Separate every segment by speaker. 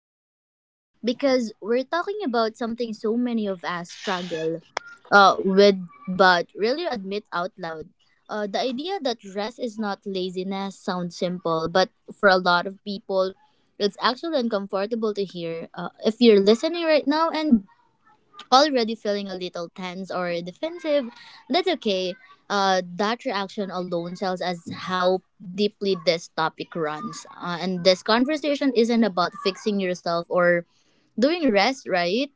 Speaker 1: the heart because we're talking about something so many of us struggle with but really admit out loud. The idea that rest is not laziness sounds simple, but for a lot of people, it's actually uncomfortable to hear. If you're listening right now and already feeling a little tense or defensive, that's okay. That reaction alone tells us how deeply this topic runs. And this conversation isn't about fixing yourself or doing rest, right?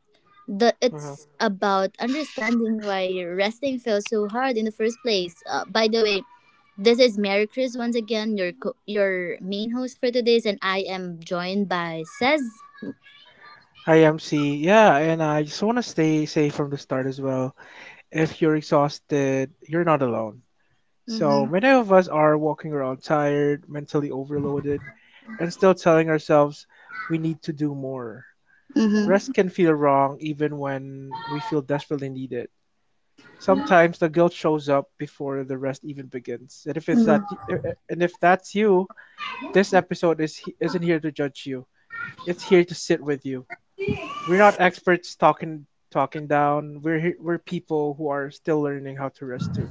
Speaker 1: It's about understanding why resting feels so hard in the first place. By the way, this is Mary Chris once again, your your main host for today's, and I am joined by Says.
Speaker 2: I am C. Yeah, and I just want to stay safe from the start as well. If you're exhausted, you're not alone. So
Speaker 1: Mm-hmm.
Speaker 2: many of us are walking around tired, mentally overloaded, and still telling ourselves we need to do more.
Speaker 1: Mm-hmm.
Speaker 2: Rest can feel wrong even when we feel desperately need it. Sometimes the guilt shows up before the rest even begins. And if it's that, and if that's you, this episode is isn't here to judge you. It's here to sit with you. We're not experts talking talking down. We're people who are still learning how to rest too.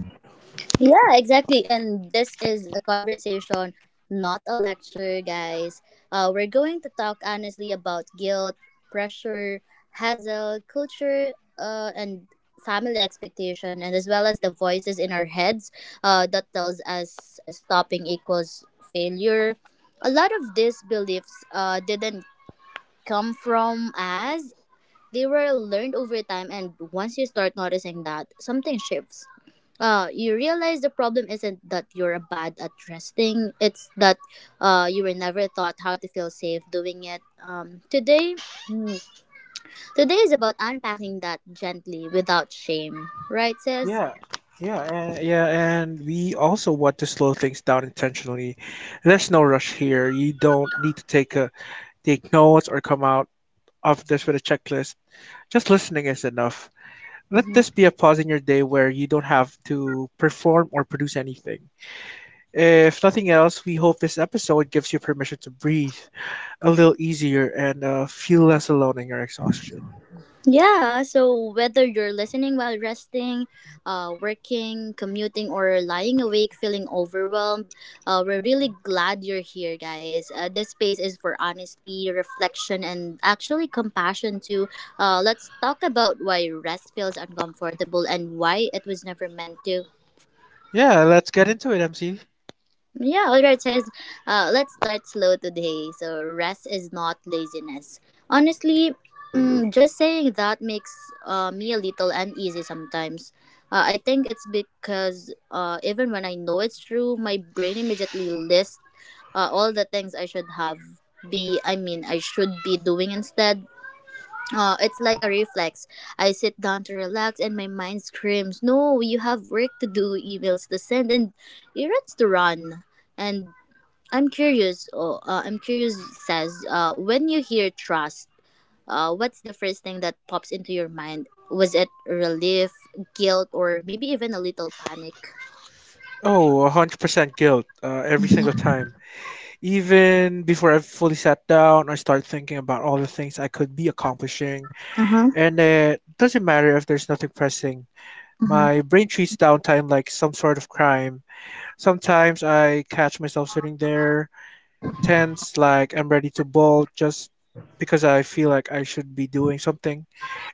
Speaker 1: Yeah, exactly. And this is a conversation, not a lecture, guys. We're going to talk honestly about guilt, pressure, hassle, culture, and family expectation, and as well as the voices in our heads that tells us stopping equals failure. A lot of these beliefs didn't come from us, they were learned over time, and once you start noticing that, something shifts. You realize the problem isn't that you're bad at resting, it's that you were never taught how to feel safe doing it. Mm, today is about unpacking that gently without shame, right, sis?
Speaker 2: Yeah, yeah, and yeah, and we also want to slow things down intentionally. There's no rush here. You don't need to take notes or come out of this with a checklist. Just listening is enough. Let this be a pause in your day where you don't have to perform or produce anything. If nothing else, we hope this episode gives you permission to breathe a little easier and feel less alone in your exhaustion.
Speaker 1: Yeah, so whether you're listening while resting, working, commuting, or lying awake feeling overwhelmed, we're really glad you're here, guys. This space is for honesty, reflection, and actually compassion, too. Let's talk about why rest feels uncomfortable and why it was never meant to.
Speaker 2: Yeah, let's get into it, MC.
Speaker 1: Yeah, alright, says, let's start slow today. So, rest is not laziness. Honestly, just saying that makes me a little uneasy sometimes. I think it's because even when I know it's true, my brain immediately lists all the things I should be doing instead. It's like a reflex. I sit down to relax and my mind screams, "No, you have work to do, emails to send, and errands to run." And I'm curious, oh, I'm curious, says, when you hear trust, what's the first thing that pops into your mind? Was it relief, guilt, or maybe even a little panic?
Speaker 2: Oh, 100% guilt every single
Speaker 1: Uh
Speaker 2: time. Even before I've fully sat down, I start thinking about all the things I could be accomplishing.
Speaker 1: huh.
Speaker 2: And it doesn't matter if there's nothing pressing. My
Speaker 1: Uh
Speaker 2: brain treats downtime like some sort of crime. Sometimes I catch myself sitting there, tense, like I'm ready to bolt just because I feel like I should be doing something.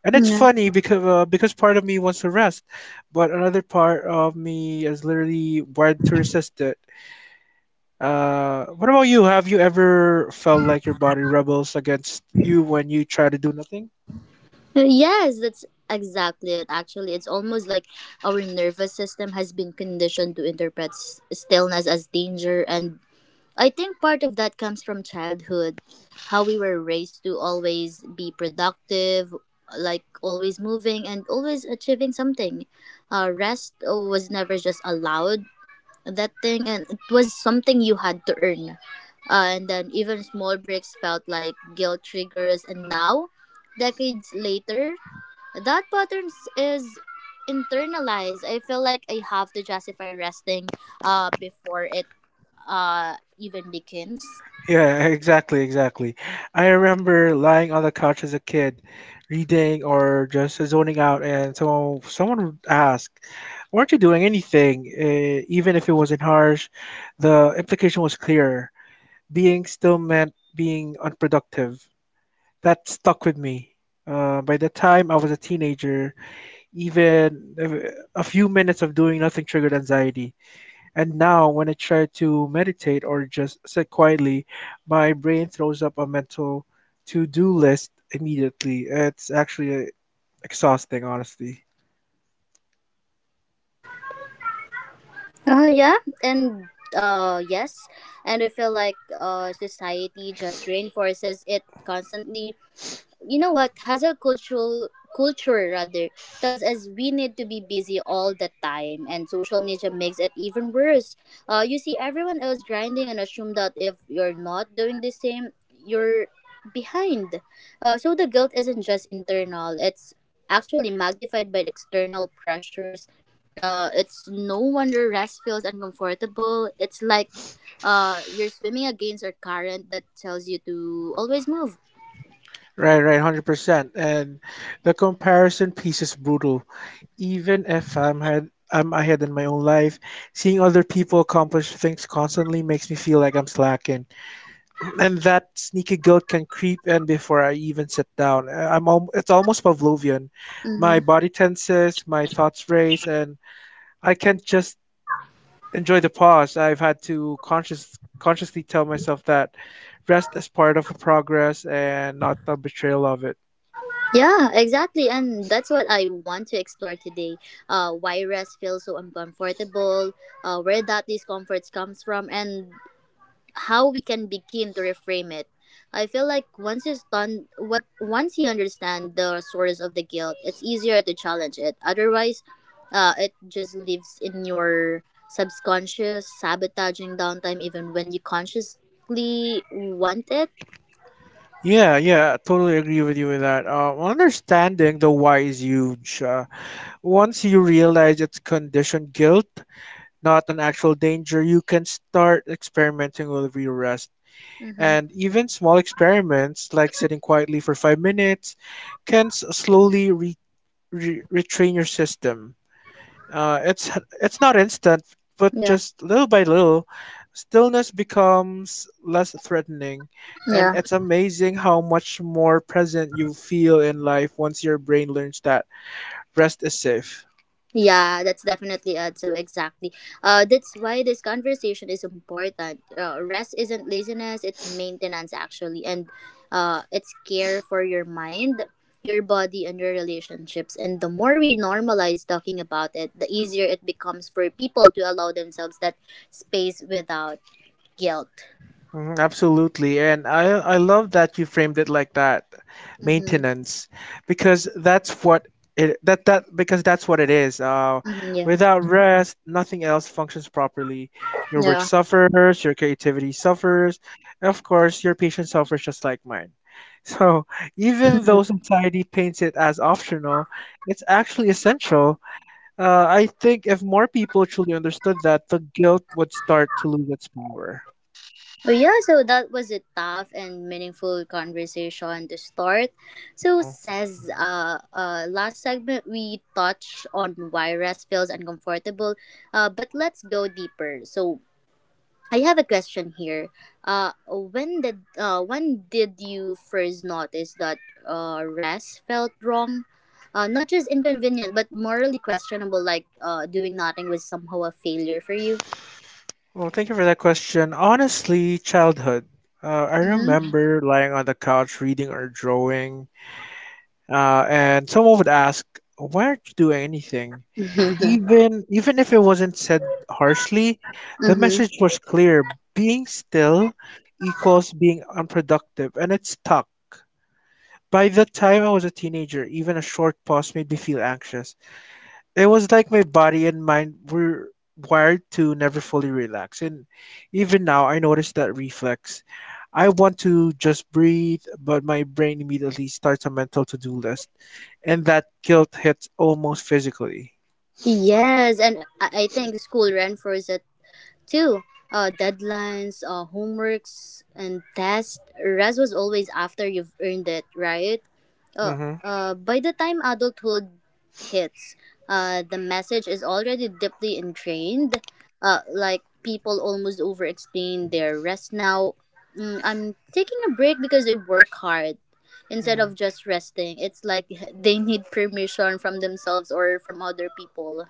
Speaker 2: And it's
Speaker 1: huh.
Speaker 2: funny because part of me wants to rest, but another part of me is literally wired to resist it. What about you? Have you ever felt like your body rebels against you when you try to do nothing?
Speaker 1: Yes, that's exactly it. Actually, it's almost like our nervous system has been conditioned to interpret stillness as danger. And I think part of that comes from childhood, how we were raised to always be productive, like always moving and always achieving something. Rest was never just allowed, that thing, and it was something you had to earn. And then even small breaks felt like guilt triggers. And now, decades later, that pattern is internalized. I feel like I have to justify resting before it even begins.
Speaker 2: Yeah, exactly, exactly. I remember lying on the couch as a kid, reading or just zoning out, and someone would ask, "Weren't you doing anything?" Even if it wasn't harsh, the implication was clear. Being still meant being unproductive. That stuck with me. By the time I was a teenager, even a few minutes of doing nothing triggered anxiety. And now, when I try to meditate or just sit quietly, my brain throws up a mental to do list immediately. It's actually exhausting, honestly.
Speaker 1: Uh yeah, and uh yes, and I feel like uh, society just reinforces it constantly, you know what, hustle cultural culture rather tells us we need to be busy all the time, and social media makes it even worse. You see everyone else grinding and assume that if you're not doing the same, you're behind. So the guilt isn't just internal, it's actually magnified by external pressures. It's no wonder rest feels uncomfortable, it's like you're swimming against a current that tells you to always move.
Speaker 2: Right, right, 100%. And the comparison piece is brutal. Even if I'm ahead, I'm ahead in my own life, seeing other people accomplish things constantly makes me feel like I'm slacking. And that sneaky guilt can creep in before I even sit down. It's almost Pavlovian. My body tenses, my thoughts race, and I can't just enjoy the pause. I've had to consciously tell myself that rest is part of a progress and not a betrayal of it.
Speaker 1: Yeah, exactly. And that's what I want to explore today. Why rest feels so uncomfortable, where that discomfort comes from, and how we can begin to reframe it. I feel like once you understand the source of the guilt, it's easier to challenge it. Otherwise, it just lives in your subconscious, sabotaging downtime even when you consciously want it.
Speaker 2: Yeah, yeah, totally agree with you with that. Understanding the why is huge. Once you realize it's conditioned guilt, not an actual danger, you can start experimenting with your rest.
Speaker 1: Mm-hmm.
Speaker 2: And even small experiments like sitting quietly for 5 minutes can slowly retrain your system. Uh, it's it's not instant, but
Speaker 1: Yeah.
Speaker 2: just little by little, stillness becomes less threatening, and
Speaker 1: Yeah.
Speaker 2: it's amazing how much more present you feel in life once your brain learns that rest is safe.
Speaker 1: Yeah, that's definitely it. So exactly. That's why this conversation is important. Rest isn't laziness; it's maintenance actually, and it's care for your mind, your body, and your relationships. And the more we normalize talking about it, the easier it becomes for people to allow themselves that space without guilt.
Speaker 2: Mhm, absolutely. And I love that you framed it like that,
Speaker 1: Mm-hmm.
Speaker 2: maintenance, because that's what because that's what it is.
Speaker 1: Mm-hmm, yeah.
Speaker 2: Without rest, nothing else functions properly. Your work
Speaker 1: Yeah.
Speaker 2: suffers, your creativity suffers, and of course, your patience suffers just like mine. So, even though society paints it as optional, it's actually essential. I think if more people truly understood that, the guilt would start to lose its power.
Speaker 1: But yeah, so that was a tough and meaningful conversation to start. So
Speaker 2: Mm-hmm.
Speaker 1: says, last segment we touched on why rest feels uncomfortable. But let's go deeper. So I have a question here. When did you first notice that uh, rest felt wrong? Not just inconvenient, but morally questionable. Like doing nothing was somehow a failure for you.
Speaker 2: Well, thank you for that question. Honestly, childhood. I
Speaker 1: Mm-hmm.
Speaker 2: remember lying on the couch reading or drawing, and someone would ask, "Why aren't you doing anything?"
Speaker 1: Mm-hmm.
Speaker 2: Even if it wasn't said harshly, the message was clear. Being still equals being unproductive, and it stuck. By the time I was a teenager, even a short pause made me feel anxious. It was like my body and mind were wired to never fully relax. And even now, I notice that reflex. I want to just breathe, but my brain immediately starts a mental to do list. And that guilt hits almost physically.
Speaker 1: Yes, and I think school reinforces it too. Deadlines, homeworks, and tests. Rest was always after you've earned it, right? Uh,
Speaker 2: Mm-hmm.
Speaker 1: uh, by the time adulthood hits, the message is already deeply ingrained. Like people almost over-explain their rest now. I'm taking a break because I work hard instead
Speaker 2: hmm
Speaker 1: of just resting. It's like they need permission from themselves or from other people.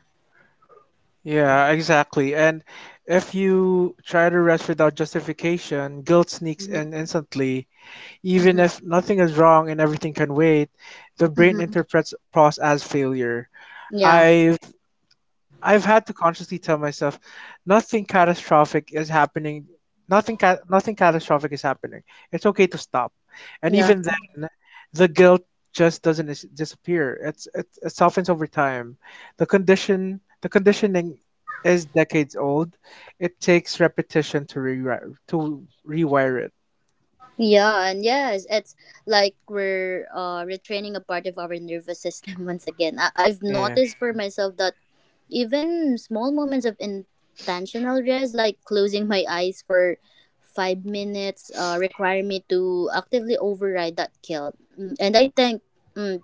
Speaker 2: Yeah, exactly. And if you try to rest without justification, guilt sneaks
Speaker 1: Mm-hmm.
Speaker 2: in instantly. Even
Speaker 1: Mm-hmm.
Speaker 2: if nothing is wrong and everything can wait, the brain
Speaker 1: Mm-hmm.
Speaker 2: interprets pause as failure.
Speaker 1: Yeah.
Speaker 2: I've I've had to consciously tell myself nothing catastrophic is happening. Nothing catastrophic is happening. It's okay to stop. And
Speaker 1: Yeah.
Speaker 2: even then, the guilt just doesn't dis- disappear. It softens over time. The conditioning is decades old. It takes repetition to rewire it.
Speaker 1: Yeah. And yes, it's like we're retraining a part of our nervous system once again. I've
Speaker 2: Yeah.
Speaker 1: noticed for myself that even small moments of intentional rest, like closing my eyes for 5 minutes, require me to actively override that guilt. And I think mm,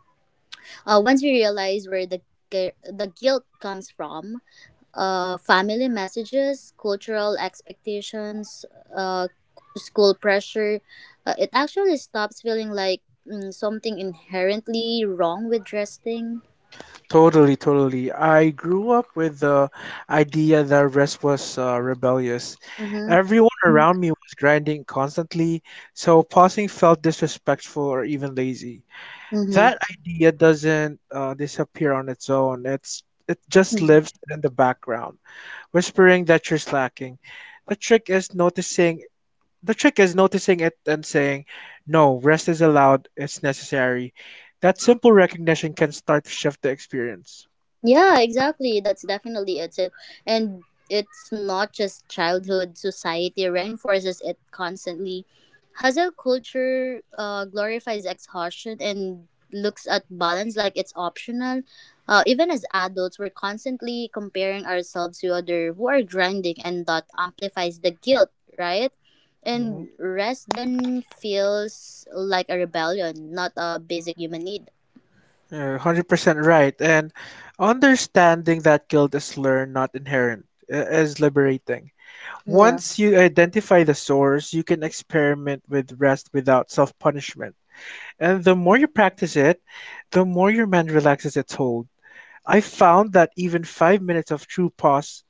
Speaker 1: once we realize where the, the guilt comes from, family messages, cultural expectations, uh, school pressure, it actually stops feeling like something inherently wrong with dressing.
Speaker 2: Totally, totally. I grew up with the idea that rest was rebellious.
Speaker 1: Mm-hmm.
Speaker 2: Everyone around me was grinding constantly, so pausing felt disrespectful or even lazy. That
Speaker 1: Mm-hmm.
Speaker 2: idea doesn't disappear on its own. It's it just lives in the background, whispering that you're slacking. The trick is noticing. The trick is noticing it and saying, "No, rest is allowed. It's necessary." That simple recognition can start to shift the experience.
Speaker 1: Yeah, exactly. That's definitely it. So, and it's not just childhood. Society reinforces it constantly. Hustle culture glorifies exhaustion and looks at balance like it's optional. Even as adults, we're constantly comparing ourselves to other who are grinding, and that amplifies the guilt, right?
Speaker 2: Mhm.
Speaker 1: And rest then feels like a rebellion, not a basic human need.
Speaker 2: You're 100% right. And understanding that guilt is learned, not inherent, is liberating.
Speaker 1: Yeah.
Speaker 2: Once you identify the source, you can experiment with rest without self punishment. And the more you practice it, the more your mind relaxes its hold. I found that even 5 minutes of true pause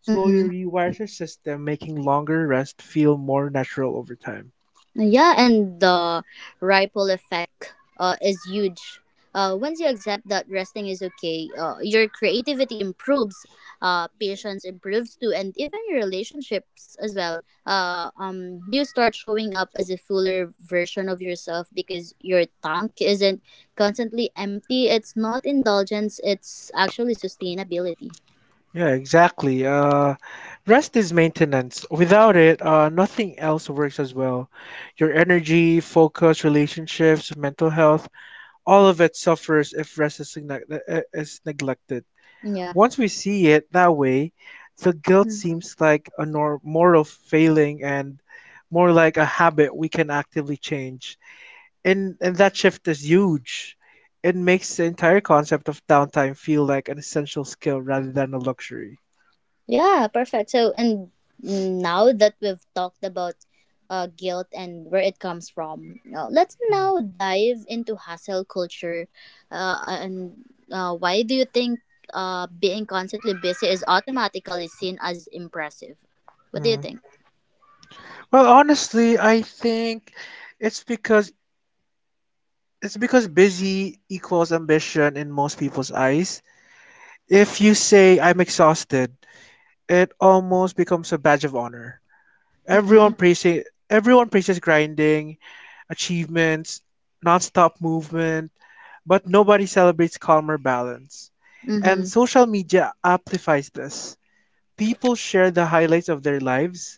Speaker 2: slowly
Speaker 1: Mm-hmm.
Speaker 2: rewires your system, making longer rest feel more natural over time.
Speaker 1: Yeah, and the ripple effect is huge. Once you accept that resting is okay, your creativity improves, patience improves too, and even your relationships as well. You start showing up as a fuller version of yourself because your tank isn't constantly empty. It's not indulgence, it's actually sustainability.
Speaker 2: Yeah, exactly. Rest is maintenance. Without it, nothing else works as well. Your energy, focus, relationships, mental health, all of it suffers if rest is, is neglected.
Speaker 1: Yeah.
Speaker 2: Once we see it that way, the guilt seems like a moral failing and more like a habit we can actively change. And that shift is huge. It makes the entire concept of downtime feel like an essential skill rather than a luxury.
Speaker 1: Yeah, perfect. So, and now that we've talked about guilt and where it comes from, let's now dive into hustle culture. And why do you think being constantly busy is automatically seen as impressive? What do you
Speaker 2: Hmm.
Speaker 1: think?
Speaker 2: Well, honestly, I think it's because it's because busy equals ambition in most people's eyes. If you say I'm exhausted, it almost becomes a badge of honor.
Speaker 1: Mm-hmm.
Speaker 2: Everyone praises Everyone praises grinding, achievements, nonstop movement, but nobody celebrates calmer balance. And
Speaker 1: Mm-hmm.
Speaker 2: social media amplifies this. People share the highlights of their lives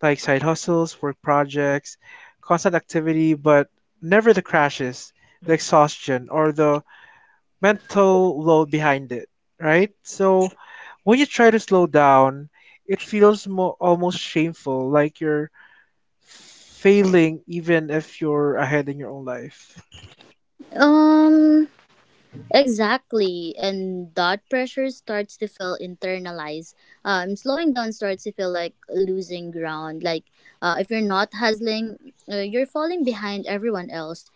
Speaker 2: like side hustles, work projects, constant activity, but never the crashes, the exhaustion, or the mental load behind it, right? So when you try to slow down, it feels almost shameful, like you're failing even if you're ahead in your own life.
Speaker 1: Um, Exactly, and that pressure starts to feel internalized. Slowing down starts to feel like losing ground. Like if you're not hustling, you're falling behind everyone else.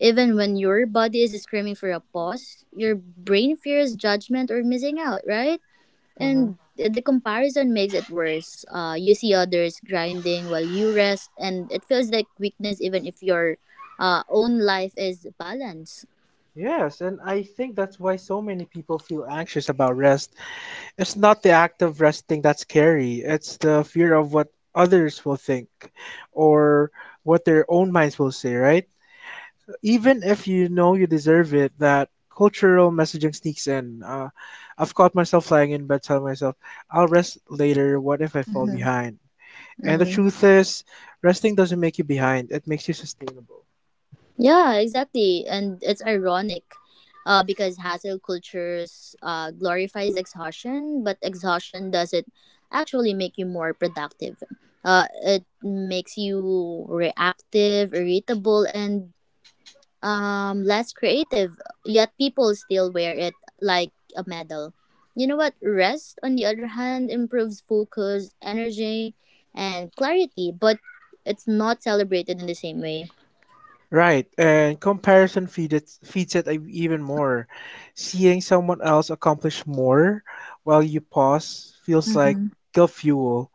Speaker 1: Even when your body is screaming for a pause, your brain fears judgment or missing out, right?
Speaker 2: hmm
Speaker 1: And the comparison makes it worse. You see others grinding while you rest, and it feels like weakness, even if your own life is balanced.
Speaker 2: Yes, and I think that's why so many people feel anxious about rest. It's not the act of resting that's scary. It's the fear of what others will think or what their own minds will say, right? Even if you know you deserve it, that cultural messaging sneaks in. I've caught myself lying in bed telling myself, I'll rest later. What if I fall
Speaker 1: Mhm.
Speaker 2: behind? And the truth is, resting doesn't make you behind, it makes you sustainable.
Speaker 1: Yeah, exactly. And it's ironic because hassle cultures glorifies exhaustion, but exhaustion doesn't actually make you more productive. It makes you reactive, irritable, and less creative. Yet people still wear it like a medal. You know what? Rest, on the other hand, improves focus, energy, and clarity, but it's not celebrated in the same way.
Speaker 2: Right, and feeds it ev- even more. Seeing someone else accomplish more while you pause feels like
Speaker 1: Hmm.
Speaker 2: the fuel,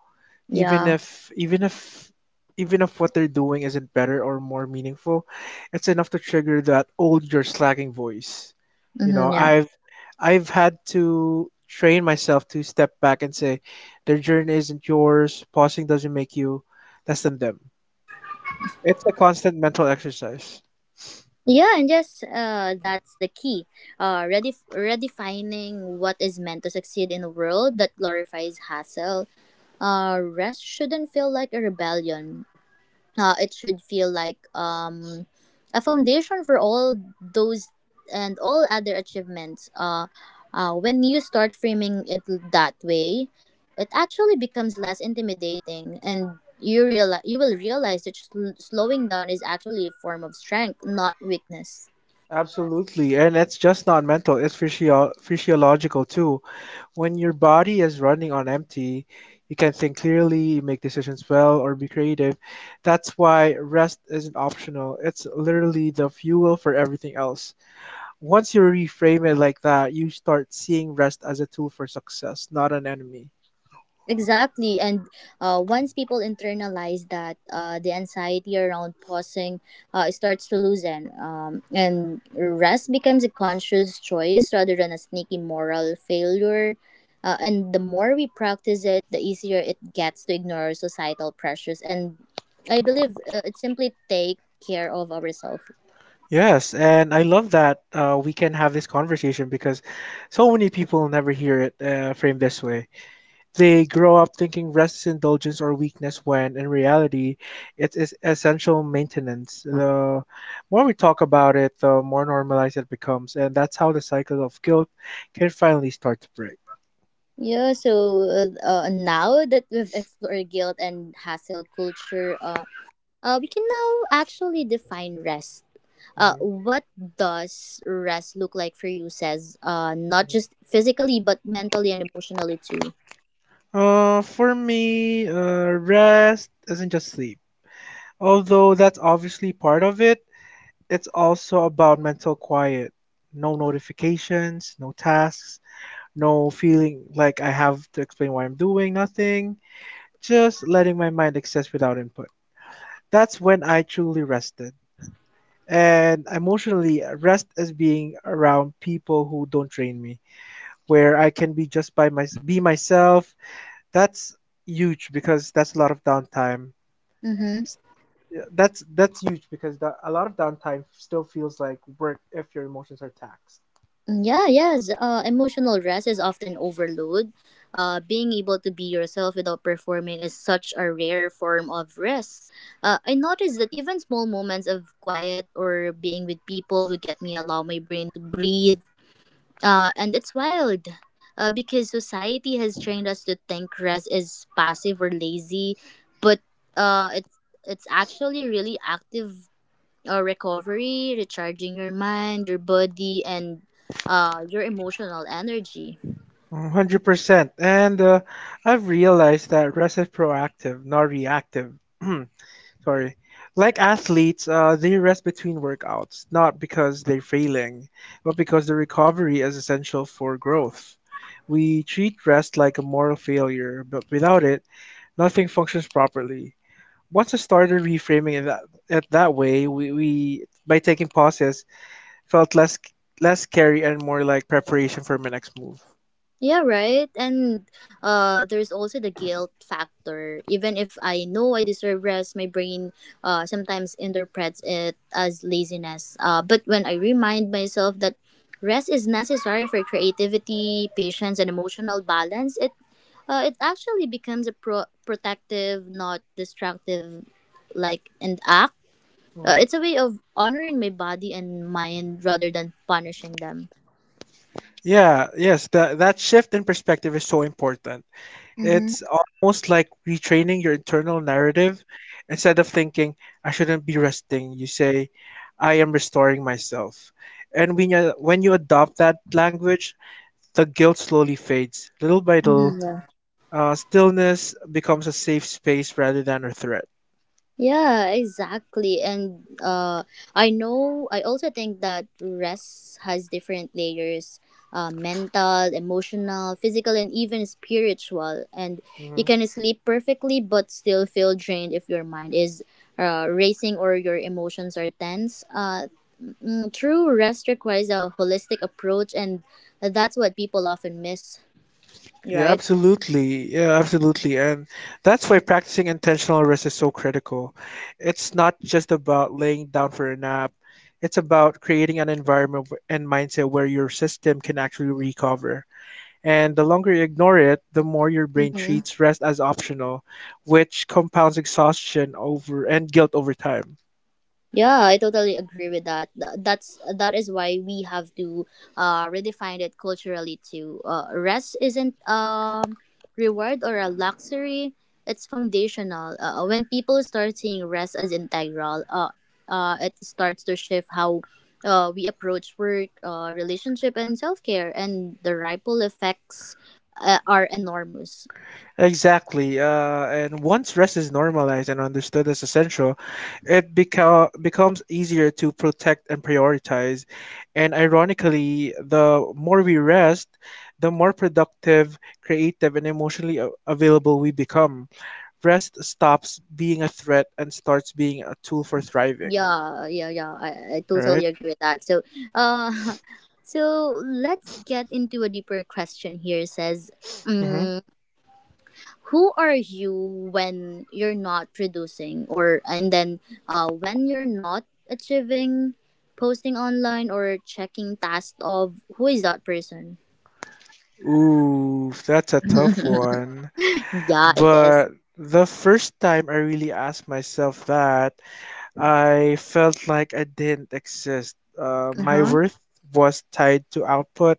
Speaker 2: even
Speaker 1: Yeah.
Speaker 2: if even if even if what they're doing isn't better or more meaningful, it's enough to trigger that old you're slacking voice. You know,
Speaker 1: Mm-hmm, yeah.
Speaker 2: I've had to train myself to step back and say, their journey isn't yours, pausing doesn't make you less than them. It's a constant mental exercise.
Speaker 1: Yeah, that's the key. Redefining what is meant to succeed in a world that glorifies hustle. Rest shouldn't feel like a rebellion. It should feel like a foundation for all those and all other achievements. When you start framing it that way, it actually becomes less intimidating, and you will realize that slowing down is actually a form of strength, not weakness.
Speaker 2: Absolutely, and it's just not mental, it's physiological too. When your body is running on empty, you can think clearly, make decisions well, or be creative. That's why rest isn't optional, it's literally the fuel for everything else. Once you reframe it like that, you start seeing rest as a tool for success, not an enemy.
Speaker 1: Exactly. And once people internalize that, the anxiety around pausing starts to loosen. And rest becomes a conscious choice rather than a sneaky moral failure. And the more we practice it, the easier it gets to ignore societal pressures. And I believe it simply take care of ourselves.
Speaker 2: Yes, and I love that we can have this conversation because so many people never hear it framed this way. They grow up thinking rest is indulgence or weakness when in reality it is essential maintenance. The more we talk about it, the more normalized it becomes, and that's how the cycle of guilt can finally start to break.
Speaker 1: Yeah, so now that we've explored guilt and hassle culture, we can now actually define rest. Uh,
Speaker 2: Mhm,
Speaker 1: what does rest look like for you? Says, not
Speaker 2: mhm.
Speaker 1: just physically, but mentally and emotionally too.
Speaker 2: For me, rest isn't just sleep. Although that's obviously part of it, it's also about mental quiet. No notifications, no tasks, no feeling like I have to explain what I'm doing, nothing. Just letting my mind exist without input. That's when I truly rested. And emotionally, rest is being around people who don't drain me, where I can be just by my be myself. That's huge because that's a lot of downtime.
Speaker 1: Mm-hmm.
Speaker 2: Yeah, that's huge because a lot of downtime still feels like work if your emotions are taxed.
Speaker 1: Yeah, yes. Emotional rest is often overload. Being able to be yourself without performing is such a rare form of rest. I noticed that even small moments of quiet or being with people would get me allow my brain to breathe. And it's wild because society has trained us to think rest is passive or lazy, but uh, it's it's actually really active recovery, recharging your mind, your body, and your emotional energy.
Speaker 2: 100%. And I've realized that rest is proactive, not reactive. Sorry. Like athletes, they rest between workouts, not because they're failing, but because the recovery is essential for growth. We treat rest like a moral failure, but without it, nothing functions properly. Once I started reframing it that way, we by taking pauses felt less scary and more like preparation for my next move.
Speaker 1: Yeah, right. And there's also the guilt factor. Even if I know I deserve rest, my brain sometimes interprets it as laziness. But when I remind myself that rest is necessary for creativity, patience, and emotional balance, it actually becomes a protective, not destructive, like an act. Uh,
Speaker 2: Hmm.
Speaker 1: it's a way of honoring my body and mind rather than punishing them.
Speaker 2: Yeah, yes, that shift in perspective is so important. It's almost like retraining your internal narrative. Instead of thinking, I shouldn't be resting, you say, I am restoring myself. And when you adopt that language, the guilt slowly fades. Little by little,
Speaker 1: Mm-hmm.
Speaker 2: stillness becomes a safe space rather than a threat.
Speaker 1: Yeah, exactly. And I also think that rest has different layers, mental, emotional, physical, and even spiritual. And you
Speaker 2: Hmm.
Speaker 1: can sleep perfectly but still feel drained if your mind is racing or your emotions are tense. True rest requires a holistic approach, and that's what people often miss,
Speaker 2: Yeah,
Speaker 1: right?
Speaker 2: absolutely. Yeah, absolutely. And that's why practicing intentional rest is so critical. It's not just about laying down for a nap, it's about creating an environment and mindset where your system can actually recover. And the longer you ignore it, the more your brain
Speaker 1: Mm-hmm.
Speaker 2: treats rest as optional, which compounds exhaustion over and guilt over time.
Speaker 1: Yeah, I totally agree with that. That is why we have to redefine it culturally too. Rest isn't reward or a luxury; it's foundational. When people start seeing rest as integral, it starts to shift how we approach work, relationship, and self care, and the ripple effects are enormous.
Speaker 2: Exactly. And once rest is normalized and understood as essential, it becomes easier to protect and prioritize. And ironically, the more we rest, the more productive, creative, and emotionally available we become. Rest stops being a threat and starts being a tool for thriving,
Speaker 1: Yeah, yeah, yeah. I totally
Speaker 2: right?
Speaker 1: agree with that. So, uh, let's get into a deeper question here. It says,
Speaker 2: Mm-hmm.
Speaker 1: um, who are you when you're not producing, when you're not achieving, posting online or checking tasks of who is that person?
Speaker 2: Ooh, that's a tough one.
Speaker 1: Yeah, it is.
Speaker 2: But the first time I really asked myself that, I felt like I didn't exist. Uh,
Speaker 1: Uh
Speaker 2: my
Speaker 1: huh.
Speaker 2: worth was tied to output,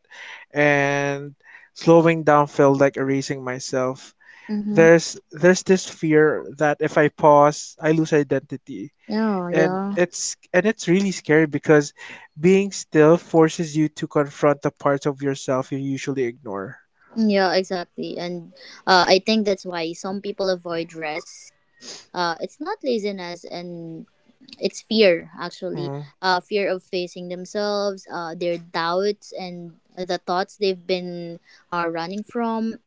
Speaker 2: and slowing down felt like erasing myself.
Speaker 1: Mm-hmm.
Speaker 2: There's this fear that if I pause, I lose identity,
Speaker 1: Yeah,
Speaker 2: and
Speaker 1: yeah.
Speaker 2: it's really scary because being still forces you to confront the parts of yourself you usually ignore.
Speaker 1: Mm, yeah, exactly. And I think that's why some people avoid rest. It's not laziness and it's fear actually,
Speaker 2: Mm-hmm.
Speaker 1: fear of facing themselves, their doubts and the thoughts they've been running from.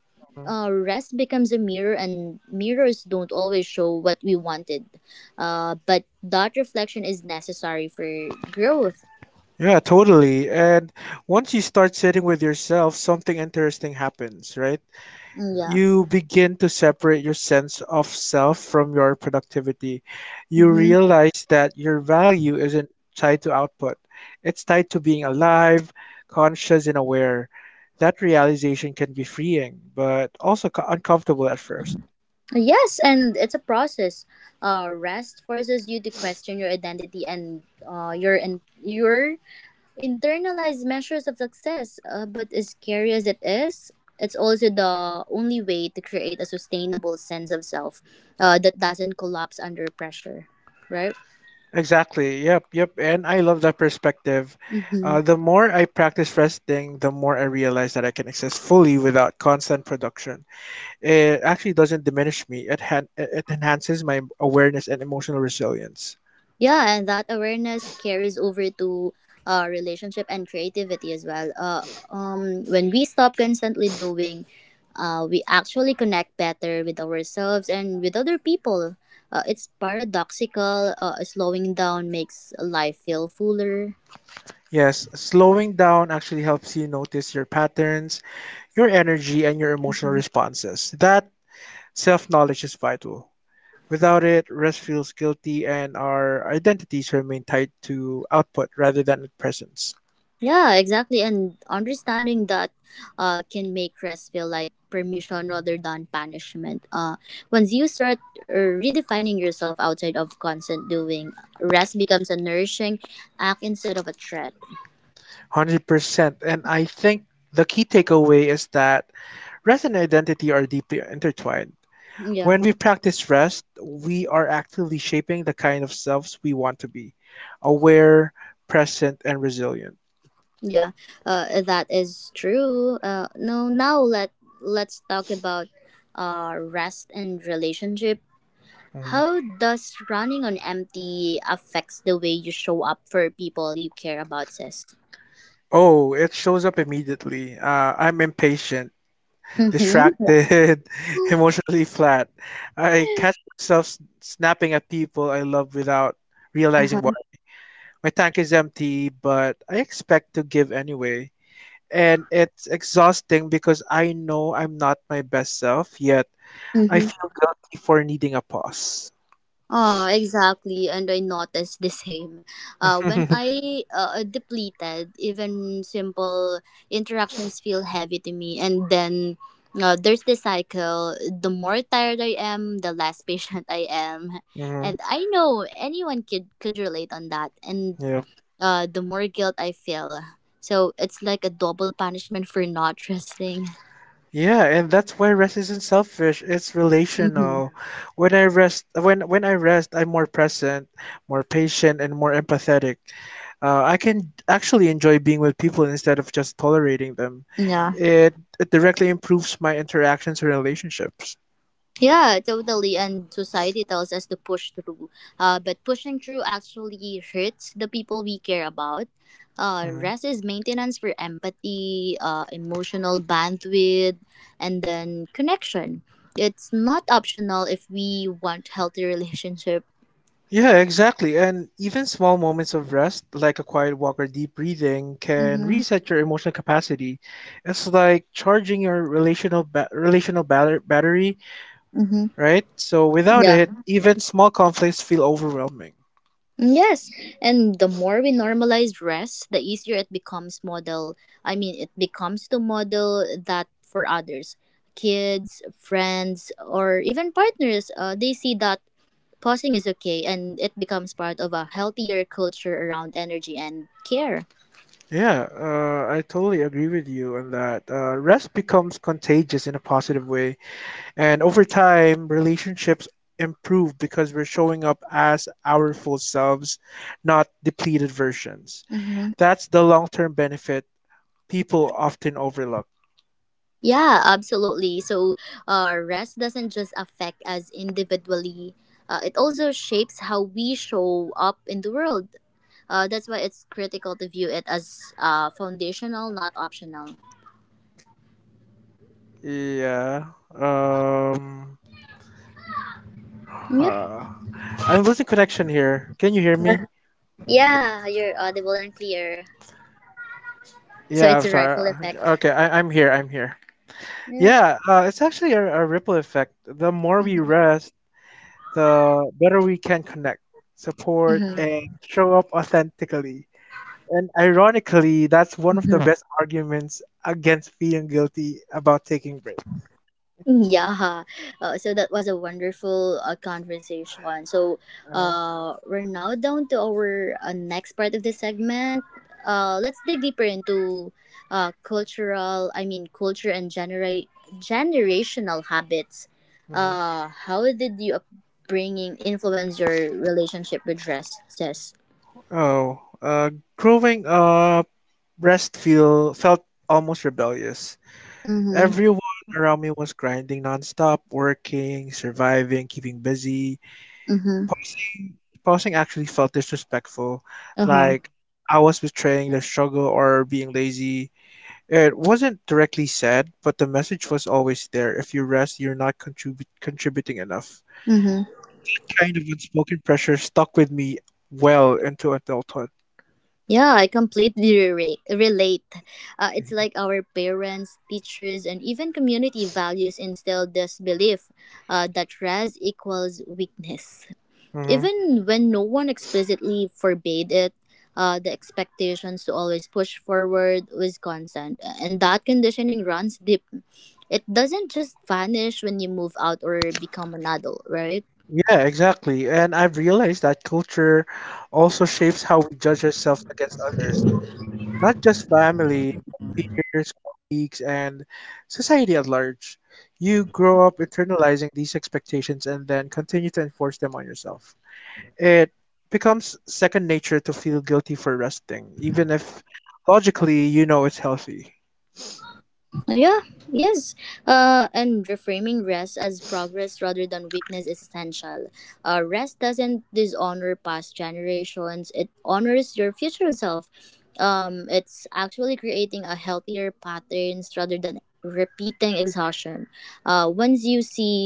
Speaker 1: Rest becomes a mirror and mirrors don't always show what we wanted, but that reflection is necessary for growth.
Speaker 2: Yeah, totally. And once you start sitting with yourself, something interesting happens, right?
Speaker 1: Mm, yeah.
Speaker 2: You begin to separate your sense of self from your productivity. You
Speaker 1: Mm-hmm.
Speaker 2: realize that your value isn't tied to output, it's tied to being alive, conscious, and aware. That realization can be freeing, but also uncomfortable at first.
Speaker 1: Yes, and it's a process. Rest forces you to question your identity and your internalized measures of success. But as scary as it is, it's also the only way to create a sustainable sense of self that doesn't collapse under pressure, right?
Speaker 2: Exactly. Yep. Yep. And I love that perspective.
Speaker 1: Mm-hmm.
Speaker 2: The more I practice resting, the more I realize that I can exist fully without constant production. It actually doesn't diminish me. It enhances my awareness and emotional resilience.
Speaker 1: Yeah, and that awareness carries over to relationship and creativity as well. When we stop constantly doing, we actually connect better with ourselves and with other people. It's paradoxical. Slowing down makes life feel fuller.
Speaker 2: Yes, slowing down actually helps you notice your patterns, your energy, and your emotional
Speaker 1: Mm-hmm.
Speaker 2: responses. That self knowledge is vital. Without it, rest feels guilty, and our identities remain tied to output rather than presence.
Speaker 1: Yeah, exactly. And understanding that can make rest feel like permission rather than punishment. Once you start redefining yourself outside of constant doing, rest becomes a nourishing act instead of a threat.
Speaker 2: 100%. And I think the key takeaway is that rest and identity are deeply intertwined.
Speaker 1: Yeah,
Speaker 2: When we practice rest, we are actively shaping the kind of selves we want to be: aware, present, and resilient.
Speaker 1: yeah, that is true. No, now let let's talk about rest and relationship. How does running on empty affects the way you show up for people you care about, sis?
Speaker 2: Oh, it shows up immediately. I'm impatient,
Speaker 1: Mm-hmm. Yeah.
Speaker 2: distracted, emotionally flat. I catch myself snapping at people I love without realizing
Speaker 1: Uh-huh.
Speaker 2: why. My tank is empty, but I expect to give anyway. And it's exhausting because I know I'm not my best self, yet I
Speaker 1: Mm-hmm.
Speaker 2: feel guilty for needing a pause.
Speaker 1: Oh, exactly. And I noticed the same. When I depleted, even simple interactions feel heavy to me. And then there's the cycle. The more tired I am, the less patient I am.
Speaker 2: Hmm.
Speaker 1: And I know anyone could relate on that. And
Speaker 2: Yep.
Speaker 1: the more guilt I feel. So it's like a double punishment for not trusting.
Speaker 2: Yeah, and that's why rest isn't selfish. It's
Speaker 1: Mm-hmm.
Speaker 2: relational. When I rest, I'm more present, more patient, and more empathetic. I can actually enjoy being with people instead of just tolerating them.
Speaker 1: Yeah.
Speaker 2: It it directly improves my interactions and relationships.
Speaker 1: Yeah, totally. And society tells us to push through. But pushing through actually hurts the people we care about. Rest is maintenance for empathy, emotional bandwidth, and then connection. It's not optional if we want healthy relationship.
Speaker 2: Yeah, exactly. And even small moments of rest, like a quiet walk or deep breathing, can
Speaker 1: Mm-hmm.
Speaker 2: reset your emotional capacity. It's like charging your relational battery,
Speaker 1: Mm-hmm.
Speaker 2: right? So without
Speaker 1: Yeah.
Speaker 2: it, even small conflicts feel overwhelming.
Speaker 1: Yes, and the more we normalize rest, the easier it becomes model. I mean, it becomes to model that for others, kids, friends, or even partners. They see that pausing is okay, and it becomes part of a healthier culture around energy and care.
Speaker 2: Yeah, I totally agree with you on that. Rest becomes contagious in a positive way, and over time, relationships improve because we're showing up as our full selves, not depleted versions.
Speaker 1: Mm-hmm.
Speaker 2: That's the long-term benefit people often overlook.
Speaker 1: Yeah, absolutely. So, rest doesn't just affect us individually. It also shapes how we show up in the world. That's why it's critical to view it as foundational, not optional.
Speaker 2: Yeah. Um,
Speaker 1: Yeah.
Speaker 2: huh. I'm losing connection here. Can you hear me?
Speaker 1: Yeah, you're audible and clear. So
Speaker 2: Yeah, I'm
Speaker 1: it's a
Speaker 2: sorry.
Speaker 1: rifle effect.
Speaker 2: Okay, I'm here. I'm here.
Speaker 1: Yeah.
Speaker 2: Yeah, it's actually a ripple effect. The more we
Speaker 1: Mm-hmm.
Speaker 2: rest, the better we can connect, support,
Speaker 1: Mm-hmm.
Speaker 2: and show up authentically. And ironically, that's one of the best arguments against feeling guilty about taking breaks.
Speaker 1: Mm, yeah, so that was a wonderful conversation. So
Speaker 2: Uh-huh.
Speaker 1: we're now down to our next part of this segment. Let's dig deeper into I mean, culture and generational habits.
Speaker 2: Mhm.
Speaker 1: How did your upbringing influence your relationship with dresses?
Speaker 2: Oh, growing up, rest feel felt almost rebellious.
Speaker 1: Mm-hmm.
Speaker 2: Everyone around me was grinding nonstop, working, surviving, keeping busy.
Speaker 1: Mm-hmm.
Speaker 2: Pausing, pausing actually felt disrespectful,
Speaker 1: Uh-huh.
Speaker 2: like I was betraying their struggle or being lazy. It wasn't directly said, but the message was always there. If you rest, you're not contributing enough.
Speaker 1: Mm-hmm.
Speaker 2: That kind of unspoken pressure stuck with me well into adulthood.
Speaker 1: Yeah, I completely relate. It's
Speaker 2: Hmm.
Speaker 1: like our parents, teachers, and even community values instilled this belief that rest equals weakness.
Speaker 2: Hmm.
Speaker 1: Even when no one explicitly forbade it, the expectations to always push forward was constant, and that conditioning runs deep. It doesn't just vanish when you move out or become an adult, right?
Speaker 2: Yeah, exactly. And I've realized that culture also shapes how we judge ourselves against others, not just family, but peers, colleagues, and society at large. You grow up internalizing these expectations and then continue to enforce them on yourself. It becomes second nature to feel guilty for resting, even if logically you know it's healthy.
Speaker 1: Yeah, yes. And reframing rest as progress rather than weakness is essential. Rest doesn't dishonor past generations, it honors your future self. It's actually creating a healthier patterns rather than repeating exhaustion. Once you see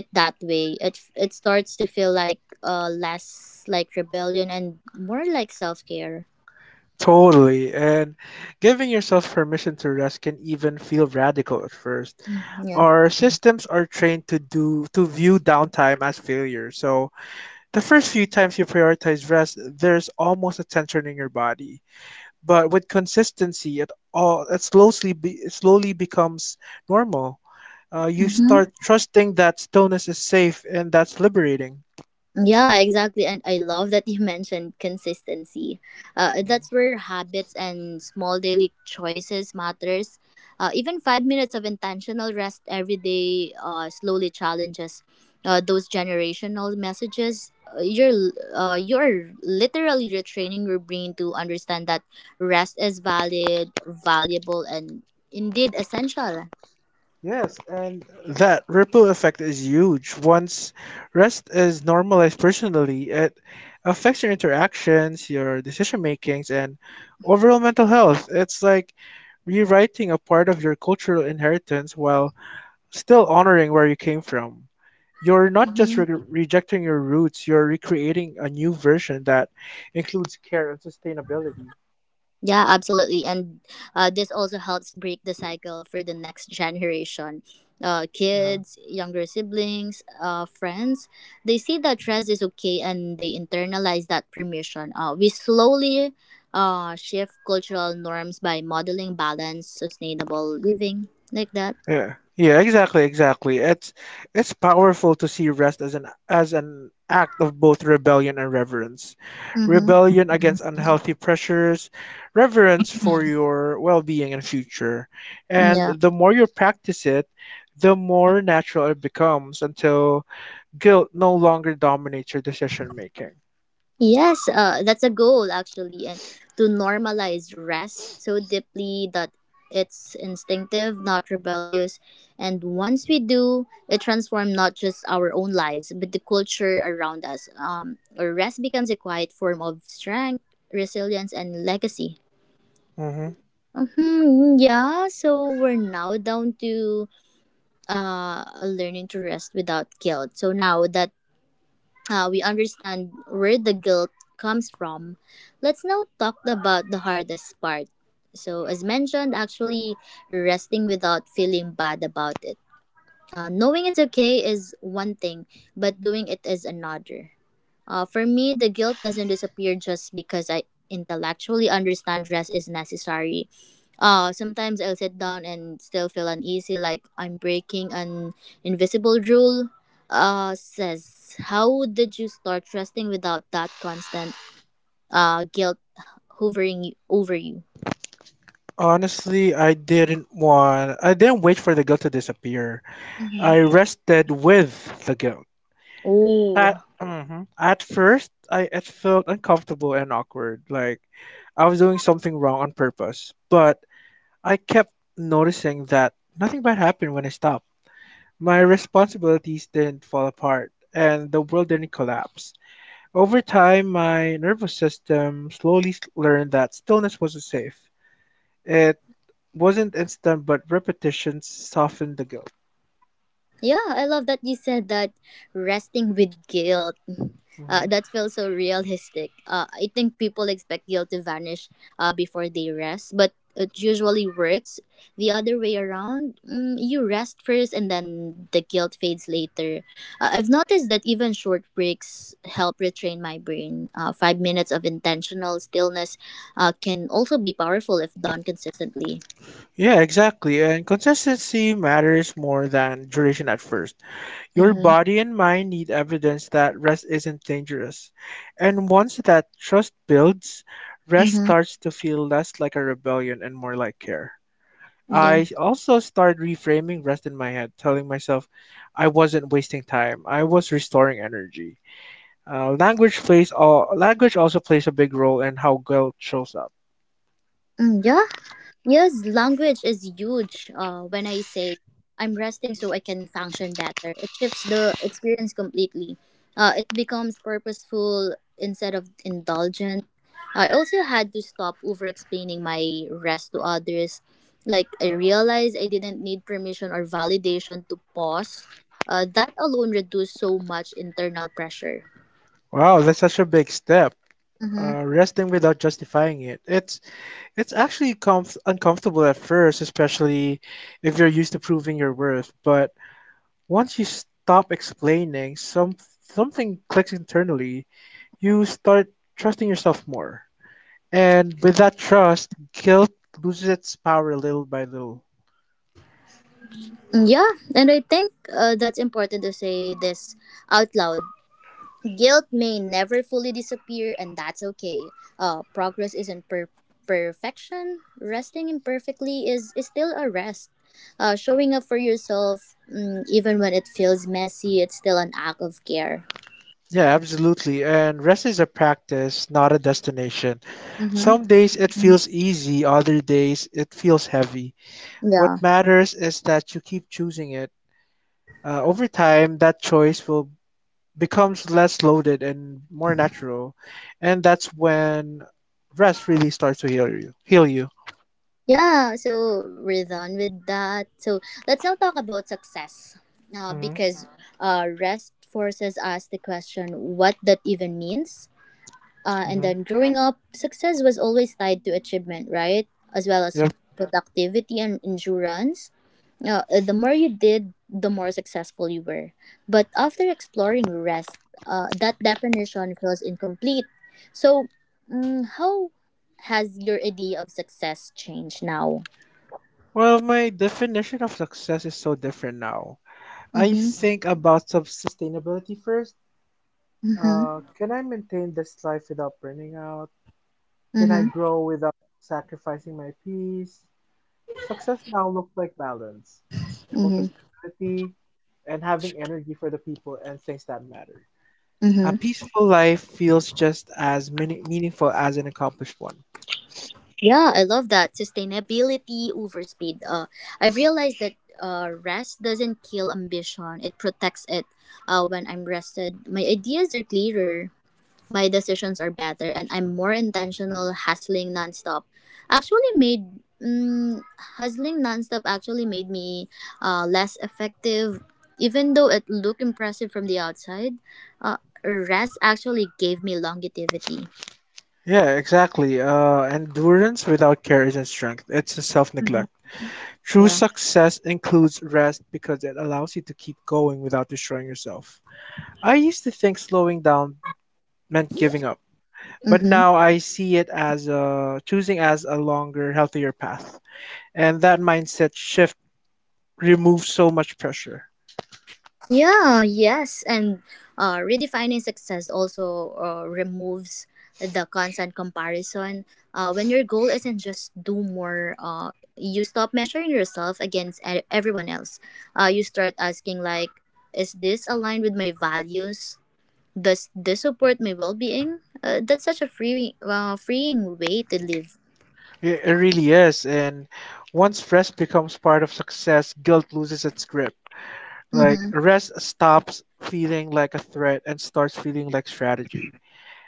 Speaker 1: it that way, it starts to feel like less like rebellion and more like self care.
Speaker 2: Totally. And giving yourself permission to rest can even feel radical at first.
Speaker 1: Yeah.
Speaker 2: Our systems are trained to do to view downtime as failure. So the first few times you prioritize rest, there's almost a tension in your body. But with consistency, it all it slowly be, it slowly becomes normal. You
Speaker 1: Mm-hmm.
Speaker 2: start trusting that stillness is safe and that's liberating.
Speaker 1: Yeah, exactly. And I love that you mentioned consistency. That's where habits and small daily choices matters. Even 5 minutes of intentional rest every day slowly challenges those generational messages. You're literally retraining your brain to understand that rest is valid, valuable, and indeed essential.
Speaker 2: Yes, and that ripple effect is huge. Once rest is normalized personally, it affects your interactions, your decision makings, and overall mental health. It's like rewriting a part of your cultural inheritance while still honoring where you came from. You're not just rejecting your roots, you're recreating a new version that includes care and sustainability.
Speaker 1: Yeah, absolutely. And this also helps break the cycle for the next generation. Uh,
Speaker 2: Uh-huh.
Speaker 1: kids, younger siblings, friends, they see that rest is okay and they internalize that permission. We slowly shift cultural norms by modeling balance, sustainable living, like that.
Speaker 2: Yeah. Yeah, exactly. It's powerful to see rest as an act of both rebellion and reverence.
Speaker 1: Mm-hmm.
Speaker 2: Rebellion against unhealthy pressures, reverence for your well-being and future. And
Speaker 1: Yeah.
Speaker 2: the more you practice it, the more natural it becomes until guilt no longer dominates your decision making.
Speaker 1: Yes, that's a goal actually, and to normalize rest so deeply that it's instinctive, not rebellious. And once we do, it transforms not just our own lives, but the culture around us. Rest becomes a quiet form of strength, resilience, and legacy.
Speaker 2: Hmm.
Speaker 1: Yeah, so we're now down to learning to rest without guilt. So now that we understand where the guilt comes from, let's now talk about the hardest part. So, as mentioned, actually resting without feeling bad about it. Knowing it's okay is one thing, but doing it is another. For me, the guilt doesn't disappear just because I intellectually understand rest is necessary. Sometimes I'll sit down and still feel uneasy, like I'm breaking an invisible rule. Says, how did you start trusting without that constant guilt hovering over you?
Speaker 2: Honestly, I didn't wait for the guilt to disappear. I
Speaker 1: hmm
Speaker 2: rested with the guilt.
Speaker 1: Oh,
Speaker 2: At first, I it felt uncomfortable and awkward, like I was doing something wrong on purpose. But I kept noticing that nothing bad happened when I stopped. My responsibilities didn't fall apart, and the world didn't collapse. Over time, my nervous system learned that stillness wasn't safe. It wasn't instant, but repetition softened the guilt.
Speaker 1: yeah, I love that you said that, resting with guilt. Uh,
Speaker 2: Mhm.
Speaker 1: that feels so realistic. I think people expect guilt to vanish before they rest, but it usually works the other way around. You rest first and then the guilt fades later. I've noticed that even short breaks help retrain my brain. Five minutes of intentional stillness can also be powerful if done consistently.
Speaker 2: Yeah, exactly. And consistency matters more than duration at first. Your
Speaker 1: Mm-hmm.
Speaker 2: body and mind need evidence that rest isn't dangerous. And once that trust builds, rest
Speaker 1: Mm-hmm.
Speaker 2: starts to feel less like a rebellion and more like care.
Speaker 1: Yeah.
Speaker 2: I also started reframing rest in my head, telling myself I wasn't wasting time. I was restoring energy. Language also plays a big role in how guilt shows up.
Speaker 1: Mm, yeah, yes, language is huge. When I say I'm resting so I can function better, it shifts the experience completely. It becomes purposeful instead of indulgent. I also had to stop over explaining my rest to others. Like, I realized I didn't need permission or validation to pause. That alone reduced so much internal pressure.
Speaker 2: Wow, that's such a big step.
Speaker 1: Mm-hmm.
Speaker 2: Resting without justifying it. It's actually uncomfortable at first, especially if you're used to proving your worth. But once you stop explaining, something clicks internally. You start trusting yourself more, and with that trust, guilt loses its power little by little.
Speaker 1: Yeah, and I think that's important to say this out loud. Guilt may never fully disappear, and that's okay. Progress isn't perfection. Resting imperfectly is still a rest. Showing up for yourself, even when it feels messy, it's still an act of care.
Speaker 2: Yeah, absolutely. And rest is a practice, not a destination.
Speaker 1: Mm-hmm.
Speaker 2: Some days it feels easy, other days it feels heavy.
Speaker 1: Yeah.
Speaker 2: What matters is that you keep choosing it. Over time, that choice will becomes less loaded and more natural, and that's when rest really starts to heal you. Heal you.
Speaker 1: Yeah, so we're done with that. So let's now talk about success. Uh,
Speaker 2: Hmm.
Speaker 1: because rest forces us to question what that even means. And
Speaker 2: Hmm.
Speaker 1: then growing up, success was always tied to achievement, right? As well as
Speaker 2: Yep.
Speaker 1: productivity and endurance. The more you did, the more successful you were. But after exploring rest, that definition feels incomplete. So, how has your idea of success changed now?
Speaker 2: Well, my definition of success is so different now. I
Speaker 1: Mm-hmm.
Speaker 2: think about sustainability first.
Speaker 1: Mm-hmm.
Speaker 2: Can I maintain this life without burning out? Can I
Speaker 1: Mm-hmm.
Speaker 2: grow without sacrificing my peace? Success now looks like balance, emotional
Speaker 1: Mm-hmm.
Speaker 2: stability, and having energy for the people and things that matter. A
Speaker 1: Mm-hmm.
Speaker 2: peaceful life feels just as meaningful as an accomplished one.
Speaker 1: Yeah, I love that sustainability over speed. I've realized that rest doesn't kill ambition; it protects it. When I'm rested, my ideas are clearer, my decisions are better, and I'm more intentional. Actually made mm, Hustling nonstop actually made me less effective, even though it looked impressive from the outside. Uh, rest actually gave me longevity.
Speaker 2: Yeah, exactly. Endurance without care isn't strength, it's a self
Speaker 1: Mhm.
Speaker 2: neglect. True
Speaker 1: Yeah.
Speaker 2: success includes rest because it allows you to keep going without destroying yourself. I used to think slowing down meant giving up, but now
Speaker 1: Mm-hmm.
Speaker 2: I see it as choosing as a longer, healthier path. And that mindset shift removes so much pressure.
Speaker 1: Yeah, yes, and redefining success also removes the constant comparison. When your goal isn't just do more, you stop measuring yourself against everyone else. You start asking like, is this aligned with my values? Does this support my well-being? That's such a freeing way to live.
Speaker 2: It really is. And once rest becomes part of success, guilt loses its grip. Like, rest stops feeling like a threat and starts feeling like strategy.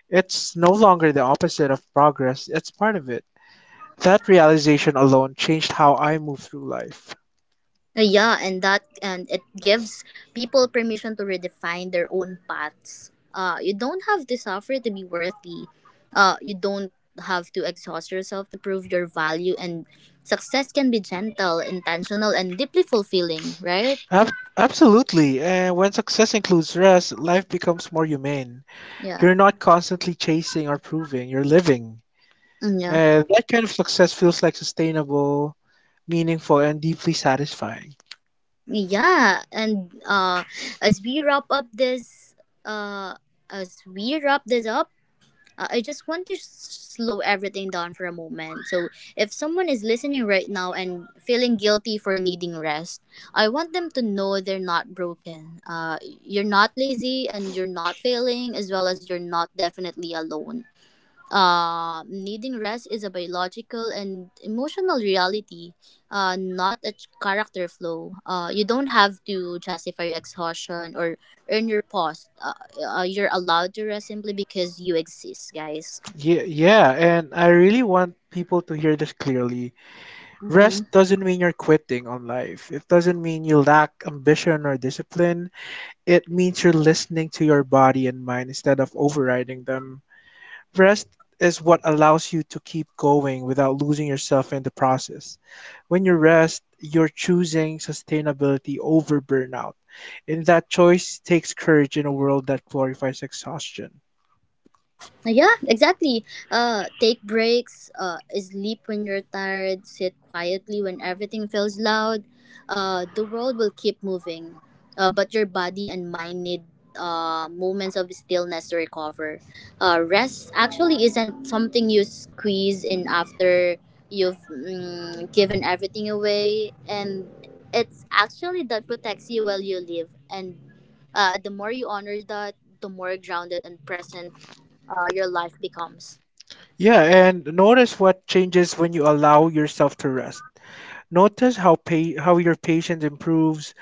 Speaker 2: It's no longer the opposite of progress, it's part of it. That realization alone changed how I move through life.
Speaker 1: Yeah, and it gives people permission to redefine their own paths. You don't have to suffer to be worthy. You don't have to exhaust yourself to prove your value. And success can be gentle, intentional, and deeply fulfilling. Right?
Speaker 2: Absolutely. And when success includes rest, life becomes more humane.
Speaker 1: Yeah.
Speaker 2: You're not constantly chasing or proving, you're living.
Speaker 1: Mm, yeah.
Speaker 2: And that kind of success feels like sustainable, meaningful, and deeply satisfying.
Speaker 1: Yeah. And as we wrap up this, uh, as we wrap this up, I just want to slow everything down for a moment. So, if someone is listening right now and feeling guilty for needing rest, I want them to know they're not broken. You're not lazy and you're not failing, as well as you're not definitely alone. Needing rest is a biological and emotional reality, not a character flaw. You don't have to justify your exhaustion or earn your post. You're allowed to rest simply because you exist, guys.
Speaker 2: Yeah, yeah, and I really want people to hear this clearly.
Speaker 1: Mm-hmm.
Speaker 2: Rest doesn't mean you're quitting on life. It doesn't mean you lack ambition or discipline. It means you're listening to your body and mind instead of overriding them. Rest is what allows you to keep going without losing yourself in the process. When you rest, you're choosing sustainability over burnout. And that choice takes courage in a world that glorifies exhaustion.
Speaker 1: Yeah, exactly. Take breaks, sleep when you're tired, sit quietly when everything feels loud. The world will keep moving, but your body and mind need moments of stillness to recover. Rest actually isn't something you squeeze in after you've given everything away, and it's actually that protects you while you live. And the more you honor that, the more grounded and present your life becomes.
Speaker 2: Yeah, and notice what changes when you allow yourself to rest. Notice how your patience improves,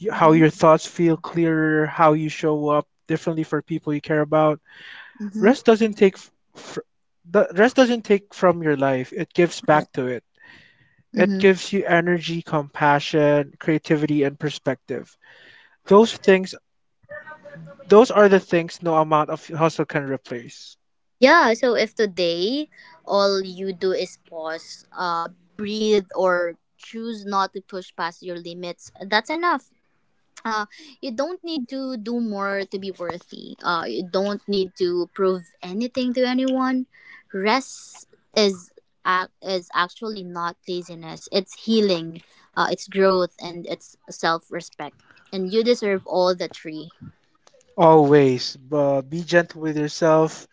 Speaker 2: how your
Speaker 1: Mm-hmm.
Speaker 2: thoughts feel clearer, how you show up differently for people you care about.
Speaker 1: Mm-hmm.
Speaker 2: Rest doesn't take f- fr- the rest doesn't take from your life. It gives
Speaker 1: Yeah.
Speaker 2: back to it. It
Speaker 1: Mm-hmm.
Speaker 2: gives you energy, compassion, creativity, and perspective. Those things, those are the things no amount of hustle can replace.
Speaker 1: Yeah, so if today all you do is pause, breathe, or choose not to push past your limits, that's enough. Uh, you don't need to do more to be worthy. You don't need to prove anything to anyone. Rest is is actually not laziness. It's healing. It's growth and it's self respect. And you deserve all the tree.
Speaker 2: Always, but be gentle with yourself.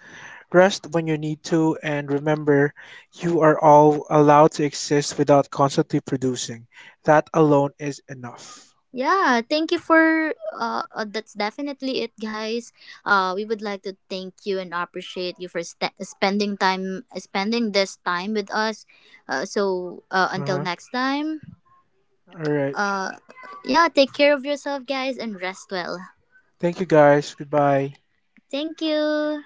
Speaker 2: Rest when you need to, and remember, you are all allowed to exist without constantly producing. That alone is enough.
Speaker 1: Yeah, thank you for that's definitely it guys. We would like to thank you and appreciate you for spending this time with us. Until
Speaker 2: Uh-huh.
Speaker 1: next time,
Speaker 2: All right.
Speaker 1: uh yeah, take care of yourself guys and rest well.
Speaker 2: Thank you, guys. Goodbye.
Speaker 1: Thank you.